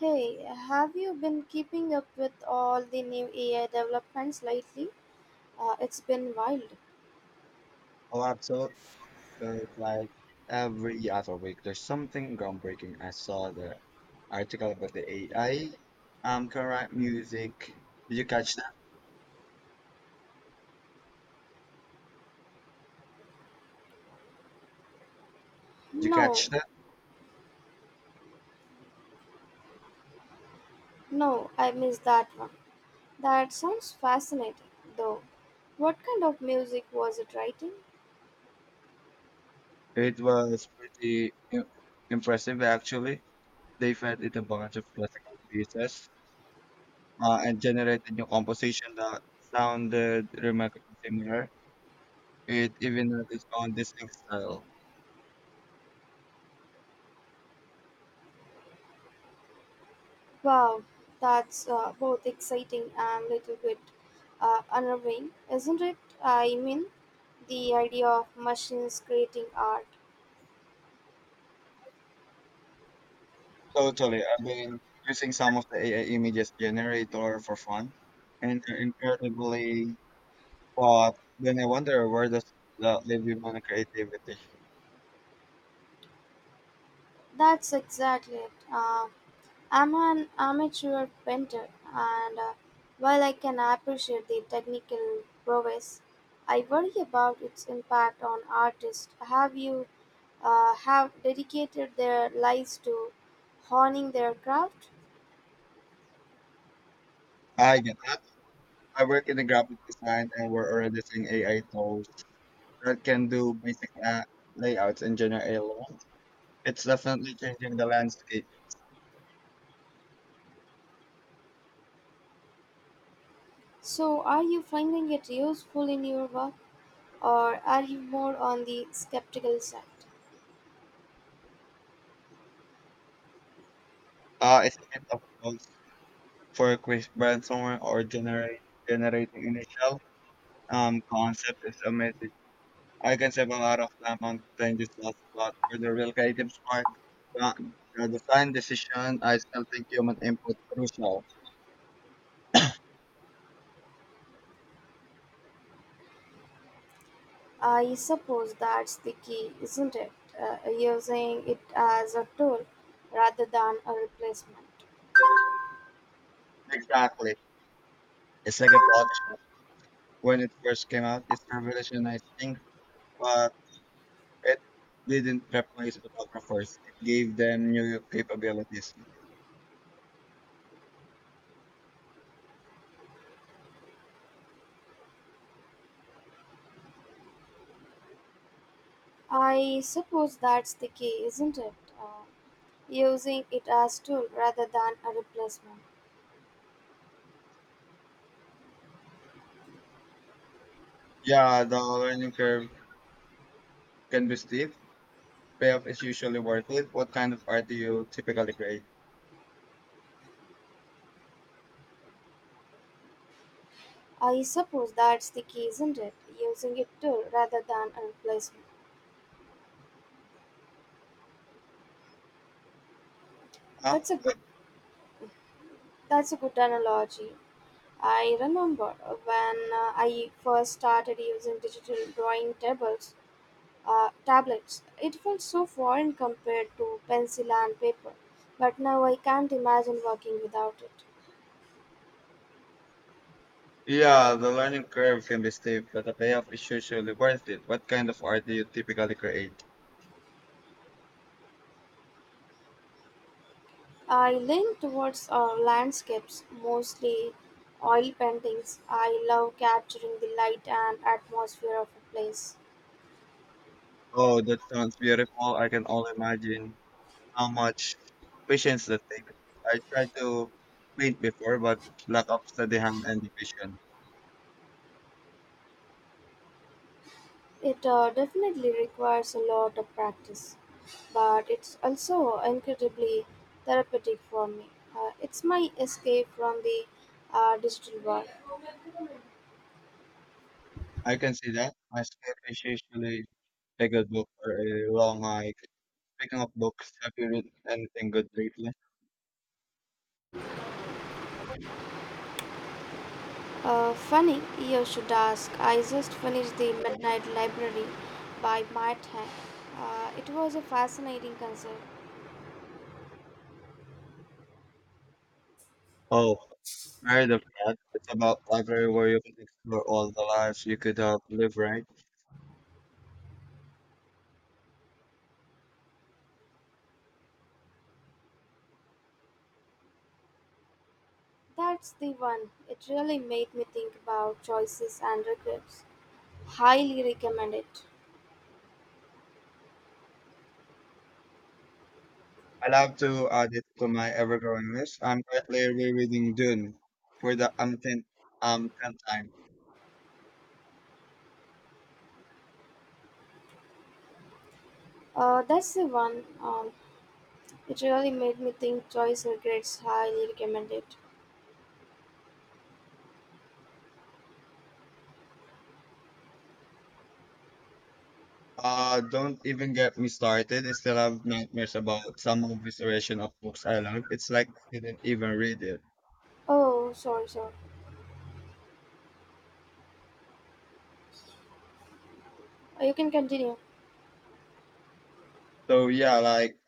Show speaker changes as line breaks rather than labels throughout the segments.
Hey, have you been keeping up with all the new AI developments lately? It's been wild.
Oh, absolutely. But like every other week, there's something groundbreaking. I saw the article about the AI, correct music. Did you catch that? Did you
No,
catch that?
no, I missed that one. That sounds fascinating, though. What kind of music was it writing?
It was impressive, actually. They fed it a bunch of classical pieces, and generated new composition that sounded remarkably similar. It even had its own distinct style.
Wow, that's both exciting and little bit unnerving, isn't it? I mean, the idea of machines creating art.
Totally. I've been using some of the AI images generator for fun, and they're incredibly, but then I wonder where does that leave human creativity?
That's exactly it. I'm an amateur painter, and while I can appreciate the technical prowess, I worry about its impact on artists. Have you have dedicated their lives to honing their craft?
I get that. I work in the graphic design, and we're already seeing AI tools that can do basic layouts and generate a lot. It's definitely changing the landscape.
So, are you finding it useful in your work, or are you more on the skeptical side?
It's a bit of both for a quick brainstorming or generate generating initial concept is amazing. I can save a lot of time on trying this last spot where the real creative spark but the design decision, I still think human input crucial.
I suppose that's the key, isn't it? Using it as a tool rather than a replacement.
Exactly. It's like a Photoshop. When it first came out, it's revolutionized things, but it didn't replace photographers. It gave them new capabilities.
I suppose that's the key, isn't it? Uh, Using it as tool rather than a replacement.
Yeah, the learning curve can be steep. Payoff is usually worth it. What kind of art do you typically create?
I suppose that's the key, isn't it? Using it tool rather than a replacement.
Huh?
That's a good. That's a good analogy. I remember when I first started using digital drawing tables, tablets. It felt so foreign compared to pencil and paper, but now I can't imagine working without it.
Yeah, the learning curve can be steep, but the payoff is usually worth it. What kind of art do you typically create?
I lean towards landscapes, mostly oil paintings. I love capturing the light and atmosphere of a place.
Oh, that sounds beautiful. I can only imagine how much patience that takes. I tried to paint before, but lack of steady hand and vision.
It definitely requires a lot of practice, but it's also incredibly therapeutic for me. It's my escape from the digital world.
I can see that. My sketch is usually like a book or a long hike. Speaking of books, have you read anything good lately?
Funny, you should ask. I just finished the Midnight Library by Matt Haig. It was a fascinating concert.
Oh, Married of Cat. It's about library where you can explore all the lives you could have lived, right?
That's the one. It really made me think about choices and regrets. Highly recommend it.
I love to add it to my ever-growing list. I'm currently rereading Dune for the 10th time.
That's the one. It really made me think choice regrets. Highly recommend it.
Don't even get me started. I still have nightmares about some of this version of books I love. It's like I didn't even read it.
Oh, sorry. You can continue.
So yeah, like,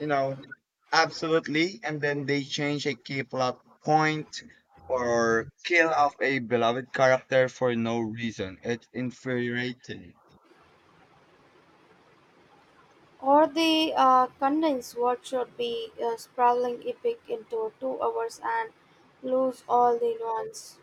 you know, absolutely. And then they change a key plot point or kill off a beloved character for no reason. It's infuriating.
Or the condense what should be a sprawling epic into 2 hours and lose all the nuance.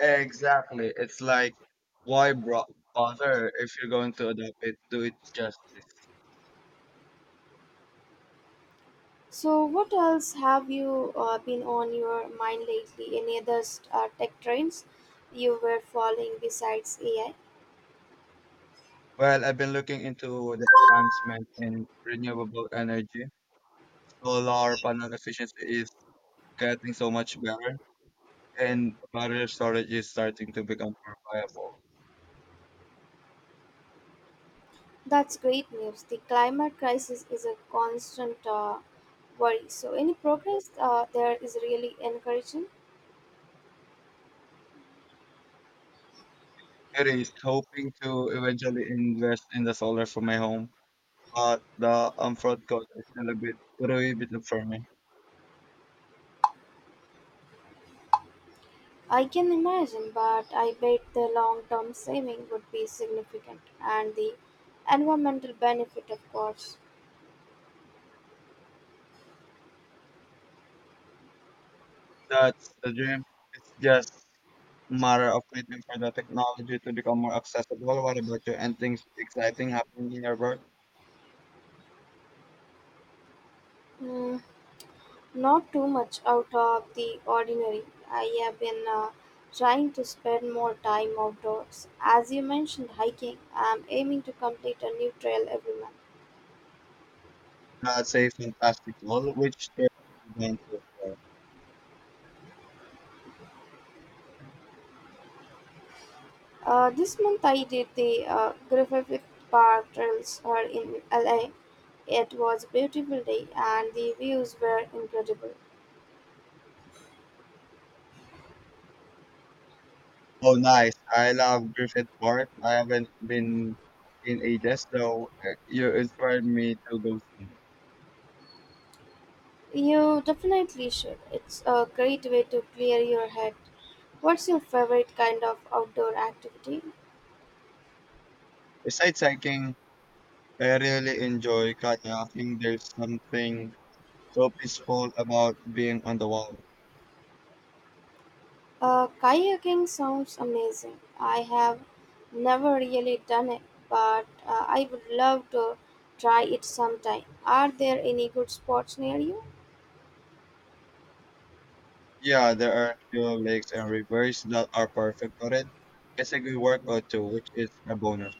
Exactly. It's like, why bro- bother if you're going to adopt it? Do it justice.
So, what else have you been on your mind lately? Any other tech trends you were following besides AI?
Well, I've been looking into the advancement in renewable energy. Solar panel efficiency is getting so much better, and battery storage is starting to become more viable.
That's great news. The climate crisis is a constant worry. So, any progress there is really encouraging.
It is hoping to eventually invest in the solar for my home, but the upfront cost is still a bit prohibitive for me.
I can imagine, but I bet the long term saving would be significant and the environmental benefit, of course.
That's the dream. It's just matter of waiting for the technology to become more accessible. What about you? Anything exciting happening in your work?
Hmm. Not too much out of the ordinary. I have been trying to spend more time outdoors. As you mentioned, hiking, I'm aiming to complete a new trail every month.
I'd say fantastic. All which there have you done so far?
This month I did the Griffith Park trails here in LA. It was a beautiful day and the views were incredible.
Oh, nice. I love Griffith Park. I haven't been in ages, though you inspired me to go see.
You definitely should. It's a great way to clear your head. What's your favorite kind of outdoor activity?
Besides hiking, I really enjoy kayaking. There's something so peaceful about being on the water.
Kayaking sounds amazing. I have never really done it, but I would love to try it sometime. Are there any good spots near you?
Yeah, there are few lakes and rivers that are perfect for it. It's a good workout too, which is a bonus.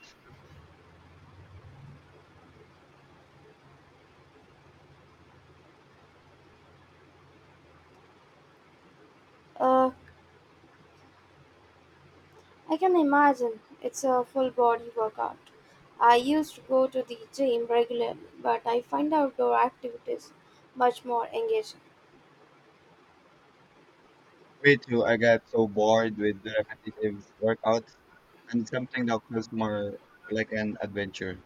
Uh, I can imagine it's a full body workout. I used to go to the gym regularly, but I find outdoor activities much more engaging.
Me too, I get so bored with the repetitive workouts and something that feels more like an adventure.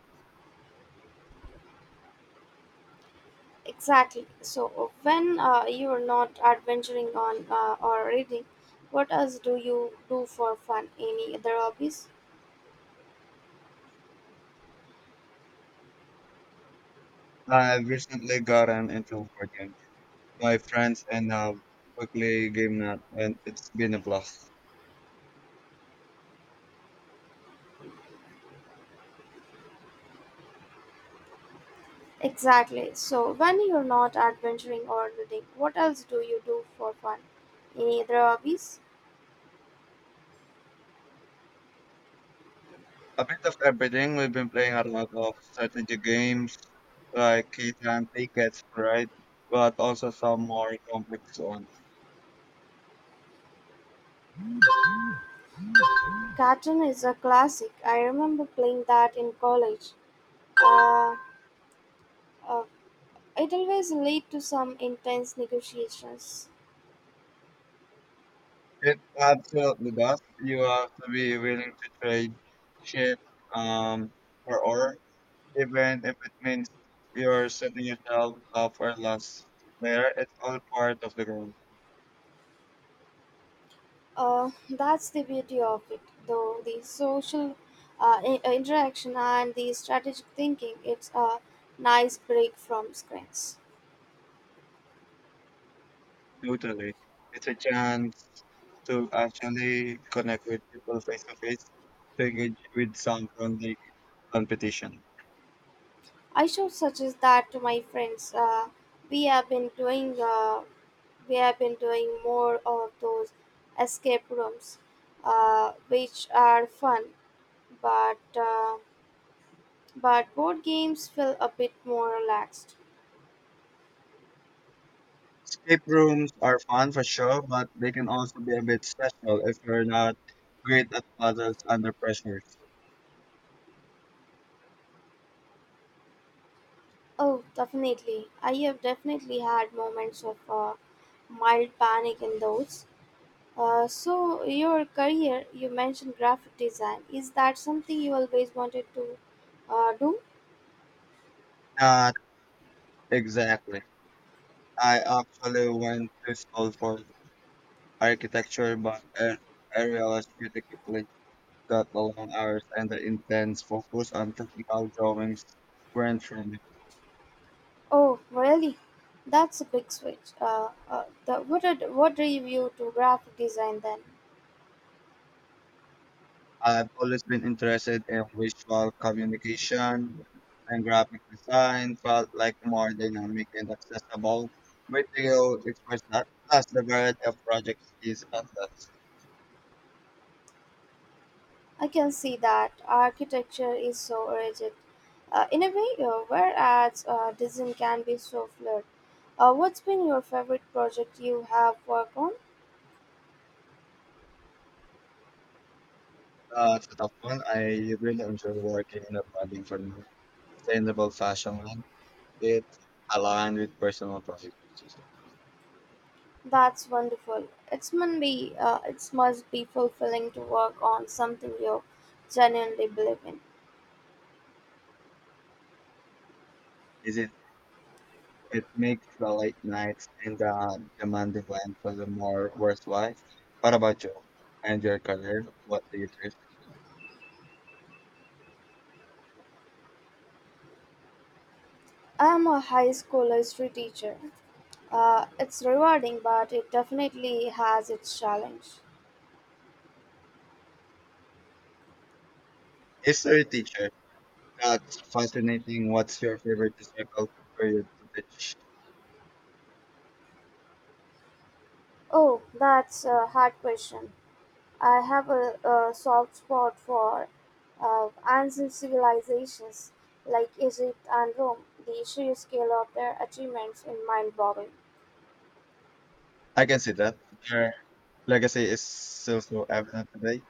Exactly. So, when you are not adventuring on or reading, what else do you do for fun? Any other hobbies?
I've recently gotten into board games. My friends and I quickly game that, and it's been a blast.
Exactly. So, when you're not adventuring or reading, what else do you do for fun? Any other hobbies?
A bit of everything. We've been playing a lot of strategy games like Key Time Tickets, right? But also some more complex ones.
Cartoon is a classic. I remember playing that in college. Uh, uh, it always lead to some intense negotiations.
It absolutely does. You have to be willing to trade shit um for ore, even if it means you're setting yourself up for loss. There, it's all part of the game.
That's the beauty of it, though. The social interaction and the strategic thinking, it's a nice break from screens.
Totally. It's a chance to actually connect with people face to face, to engage with some friendly competition.
I should suggest that to my friends. We have been doing uh, we have been doing more of those escape rooms, which are fun, but uh, but board games feel a bit more relaxed.
Escape rooms are fun for sure, but they can also be a bit stressful if you're not great at puzzles under pressure.
Oh, definitely. I have definitely had moments of mild panic in those. So your career, you mentioned graphic design. Is that something you always wanted to do?
Not exactly. I actually went to school for architecture, but I realized pretty quickly that the long hours and the intense focus on technical drawings weren't for me.
Oh, really? That's a big switch. What drew you to graphic design then?
I've always been interested in visual communication and graphic design, felt like more dynamic and accessible. Video expressed that plus the variety of projects is endless.
I can see that architecture is so rigid. In a way, whereas design can be so fluid. What's been your favorite project you have worked on?
That's a tough one. I really enjoy working in a budding for sustainable fashion line. It's aligned with personal projects.
That's wonderful. It must be fulfilling to work on something you genuinely believe in.
Is it? It makes the late nights and the demanding lunches more worthwhile. What about you? And your career? What do you choose?
I am a high school history teacher. It's rewarding, but it definitely has its challenge.
History teacher. That's fascinating. What's your favorite historical period to teach?
Oh, that's a hard question. I have a soft spot for ancient civilizations like Egypt and Rome. The sheer scale of their achievements is mind boggling.
I can see that. Their legacy is still so evident today.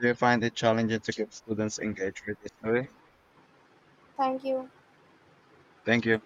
Do you find it challenging to keep students engaged with history?
Thank you.
Thank you.